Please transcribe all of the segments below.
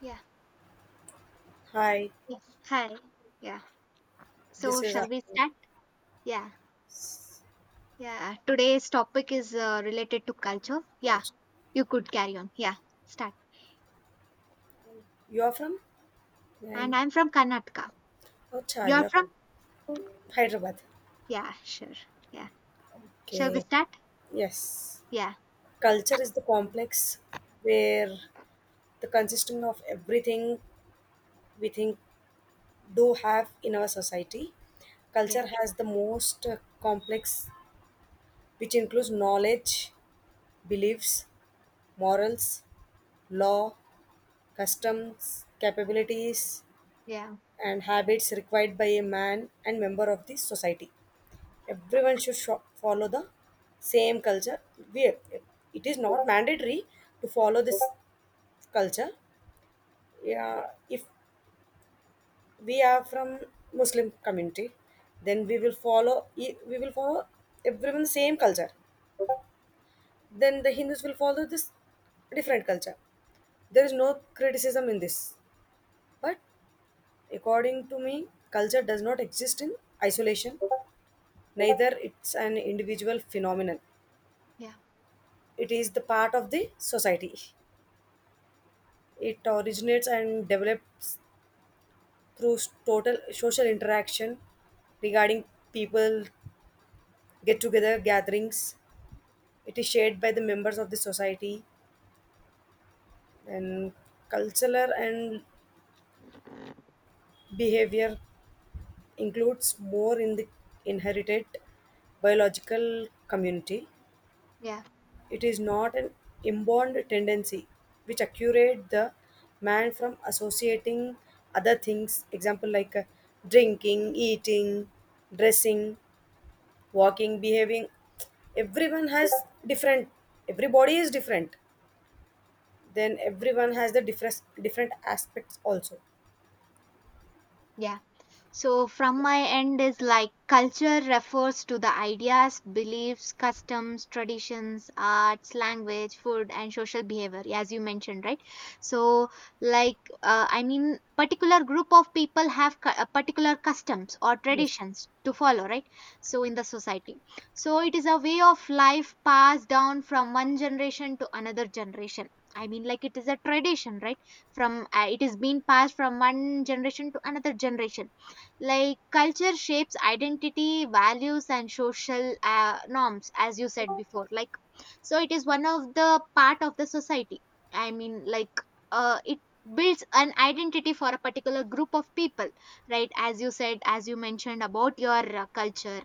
Yeah. Hi, Yes. Hi. Yeah. So, this is shall we Atul. start? Yeah. Yeah. Today's topic is related to culture. Yeah. You could carry on. Yeah. Start. You are from? Yeah, I And I'm from Karnataka. Acha, You're you're from from? Hyderabad. Yeah. Sure. Yeah. Shall we Okay. start? Yes. Yeah. Culture is the complex where the consisting of everything we think do have in our society. Yeah. Culture has the most complex, which includes knowledge, beliefs, morals, law, customs, capabilities, Yeah. and habits required by a man and member of the society. Everyone follow the same culture we, it is not mandatory to follow this culture, yeah. If we are from Muslim community, then we will follow everyone the same culture, then the Hindus will follow this different culture. There is no criticism in this, but according to me, culture does not exist in isolation, neither it's an individual phenomenon. Yeah. It is the part of the society. It originates and develops total social interaction, regarding people get together gatherings. It is shared by the members of the society, and cultural and behavior includes more in the inherited biological community. Yeah. It is not an inborn tendency which accurate the man from associating other things, example like drinking, eating, dressing, walking, behaving. Everyone has different, everybody is different, then everyone has the different different aspects also. Yeah. So, from my end, is like culture refers to the ideas, beliefs, customs, traditions, arts, language, food, and social behavior, as you mentioned, right? So, like, I mean, particular group of people have particular customs or Yes. traditions to follow, right? So, in the society. So, it is a way of life passed down from one generation to another generation. I mean, like, it is a tradition, right? From it is being passed from one generation to another generation, like culture shapes identity, values, and social norms, as you said before. Like, so it is one of the part of the society. I mean, like, it builds an identity for a particular group of people, right? As you said, as you mentioned about your culture.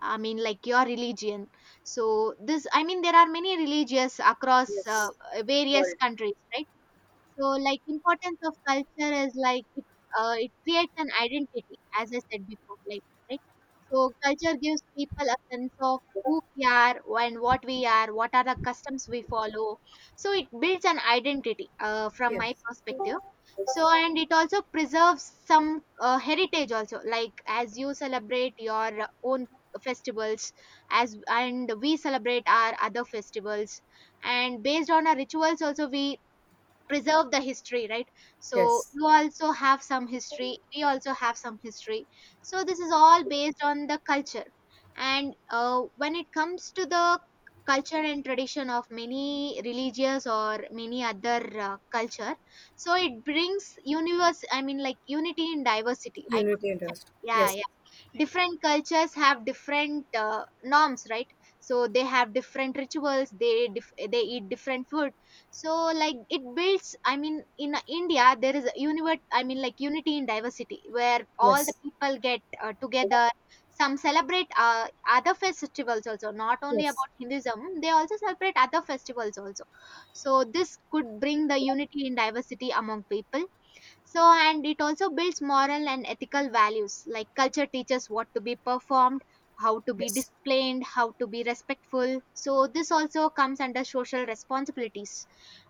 I mean, like your religion. So this, I mean, there are many religious across Yes, various world. countries, right? So like importance of culture is like it it creates an identity, as I said before, like right. So culture gives people a sense of who we are and what we are, what are the customs we follow. So it builds an identity from my Yes. perspective. So and it also preserves some heritage also, like as you celebrate your own festivals, as and we celebrate our other festivals and based on our rituals also we preserve the history, right? So Yes, you also have some history, we also have some history. So this is all based on the culture, and when it comes to the culture and tradition of many religious or many other culture, so it brings universe I mean like unity in diversity, I could. unity and trust. Yeah, Yes. yeah, different cultures have different norms, right? So they have different rituals, they they eat different food. So, like it builds, I mean, in India there is a univer I mean like unity in diversity where all the Yes. people get together, some celebrate other festivals also, not only Yes. about Hinduism, they also celebrate other festivals also. So this could bring the unity in diversity among people. So, and it also builds moral and ethical values, like culture teaches what to be performed, how to be Yes. disciplined, how to be respectful. So, this also comes under social responsibilities.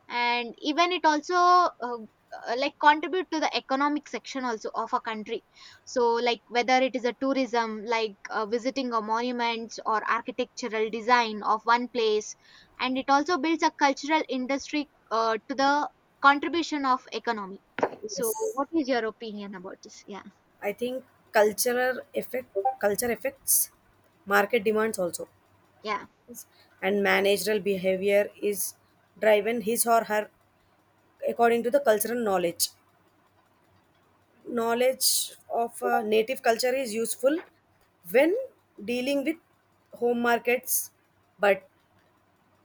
And even it also like contribute to the economic section also of a country. So like whether it is a tourism, like visiting a monuments or architectural design of one place, and it also builds a cultural industry to the contribution of economy. So, Yes, what is your opinion about this? Yeah, I think cultural effect, culture affects market demands also. yeah. Yes, and managerial behavior is driven his or her according to the cultural knowledge. Knowledge of a native culture is useful when dealing with home markets, but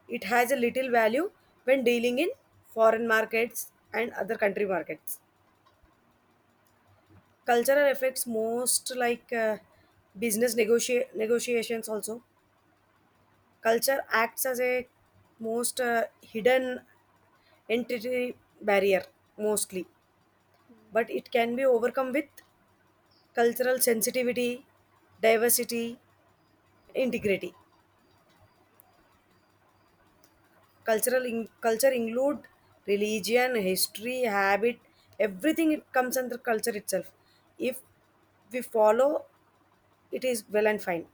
it has a little value when dealing in foreign markets and other country markets. Cultural effects most like business negotiations also. Culture acts as a most hidden entity barrier mostly, Mm. but it can be overcome with cultural sensitivity, diversity, integrity. Culture include religion, history, habit, everything it comes under culture itself. If we follow, it is well and fine.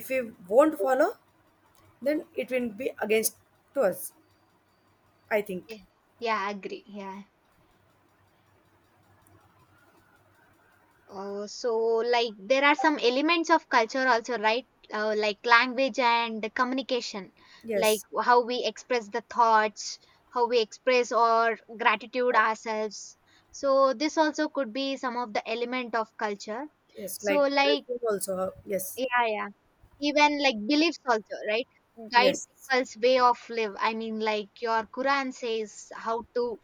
If we won't follow, then it will be against to us, I think. Yeah, yeah, I agree. Yeah. So, like, there are some elements of culture also, right? Like language and the communication, like Yes. how we express the thoughts, how we express our gratitude ourselves. So, this also could be some of the element of culture. Yes, So, like like, dressing also. Yes. yeah, yeah. Even like beliefs also, right? Guide Yes. people's way of live. I mean, like your Quran says how to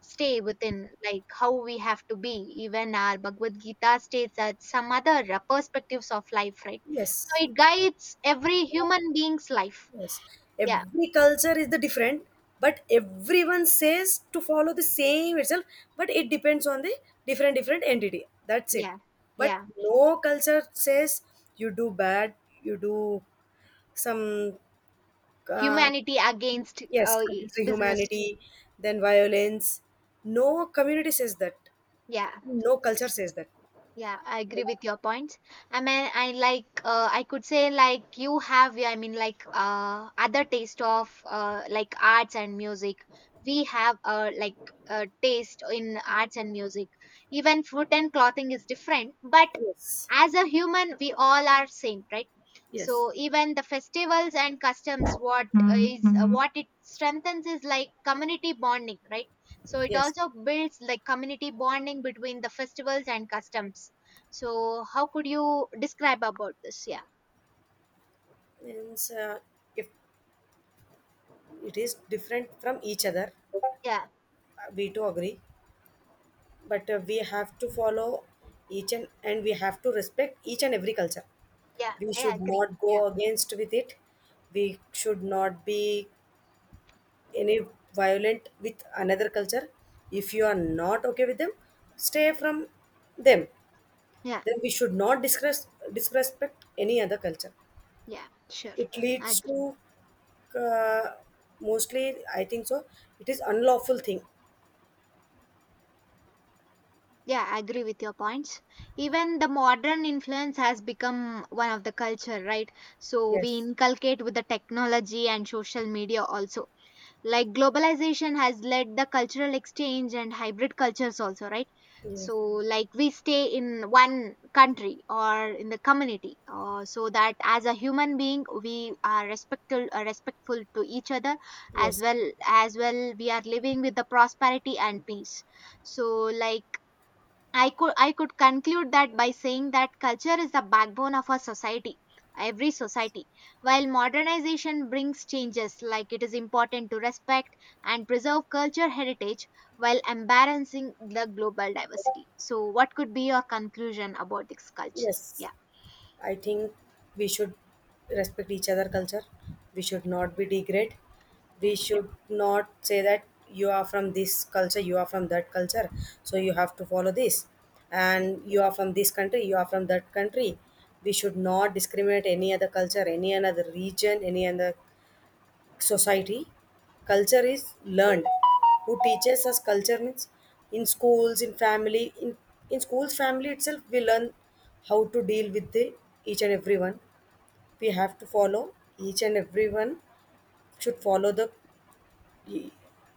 stay within, like how we have to be. Even our Bhagavad Gita states that some other perspectives of life, right? Yes. So it guides every human being's life. Yes, Yeah, every culture is the different, but everyone says to follow the same itself, but it depends on the different different entity. That's it. yeah, But yeah. no culture says you do bad, you do some uh, Humanity against yes, against the business. humanity, then violence. No community says that. Yeah. No culture says that. Yeah, I agree with your points. I mean, I like I could say like you have, I mean like other taste of like arts and music. We have taste in arts and music. Even food and clothing is different, but Yes. as a human we all are same, right? So Yes. even the festivals and customs, what is what it strengthens is like community bonding, right? So it Yes. also builds like community bonding between the festivals and customs. So how could you describe about this? Yeah, Means if it is different from each other, yeah, we too agree, but we have to follow each and we have to respect each and every culture. yeah, We I should agree. not go Yeah, against with it. We should not be any violent with another culture. If you are not okay with them, stay from them. yeah, Then we should not disres- disrespect any other culture. yeah, sure. It I leads agree. to uh, mostly, I think so, it is unlawful thing. Yeah, I agree with your points. Even the modern influence has become one of the culture, right? So we Yes. inculcate with the technology and social media also. Like globalization has led the cultural exchange and hybrid cultures also, right? Yes. So like we stay in one country or in the community, so that as a human being we are respectful, respectful to each other, as Yes. well, we are living with the prosperity and peace. So, like, I could conclude that by saying that culture is the backbone of a society, every society. While modernization brings changes, like it is important to respect and preserve culture heritage while embarrassing the global diversity. So, what could be your conclusion about this culture? Yes. Yeah, I think we should respect each other culture. We should not be degrade. yeah, We should not say that you are from this culture, you are from that culture, so you have to follow this. yeah, And you are from this country, you are from that country. We should not discriminate any other culture, any another region, any other society. Culture is learned. Who teaches us culture means in schools, in family, in schools, family itself, we learn how to deal with the, each and everyone. We have to follow each and everyone should follow the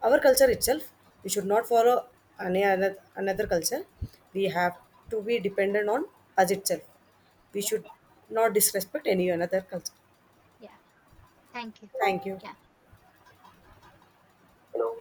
our culture itself. We should not follow any other another culture. We have to be dependent on us itself. We yeah, should not disrespect any another culture. yeah. Thank you. Thank you. Yeah. Hello.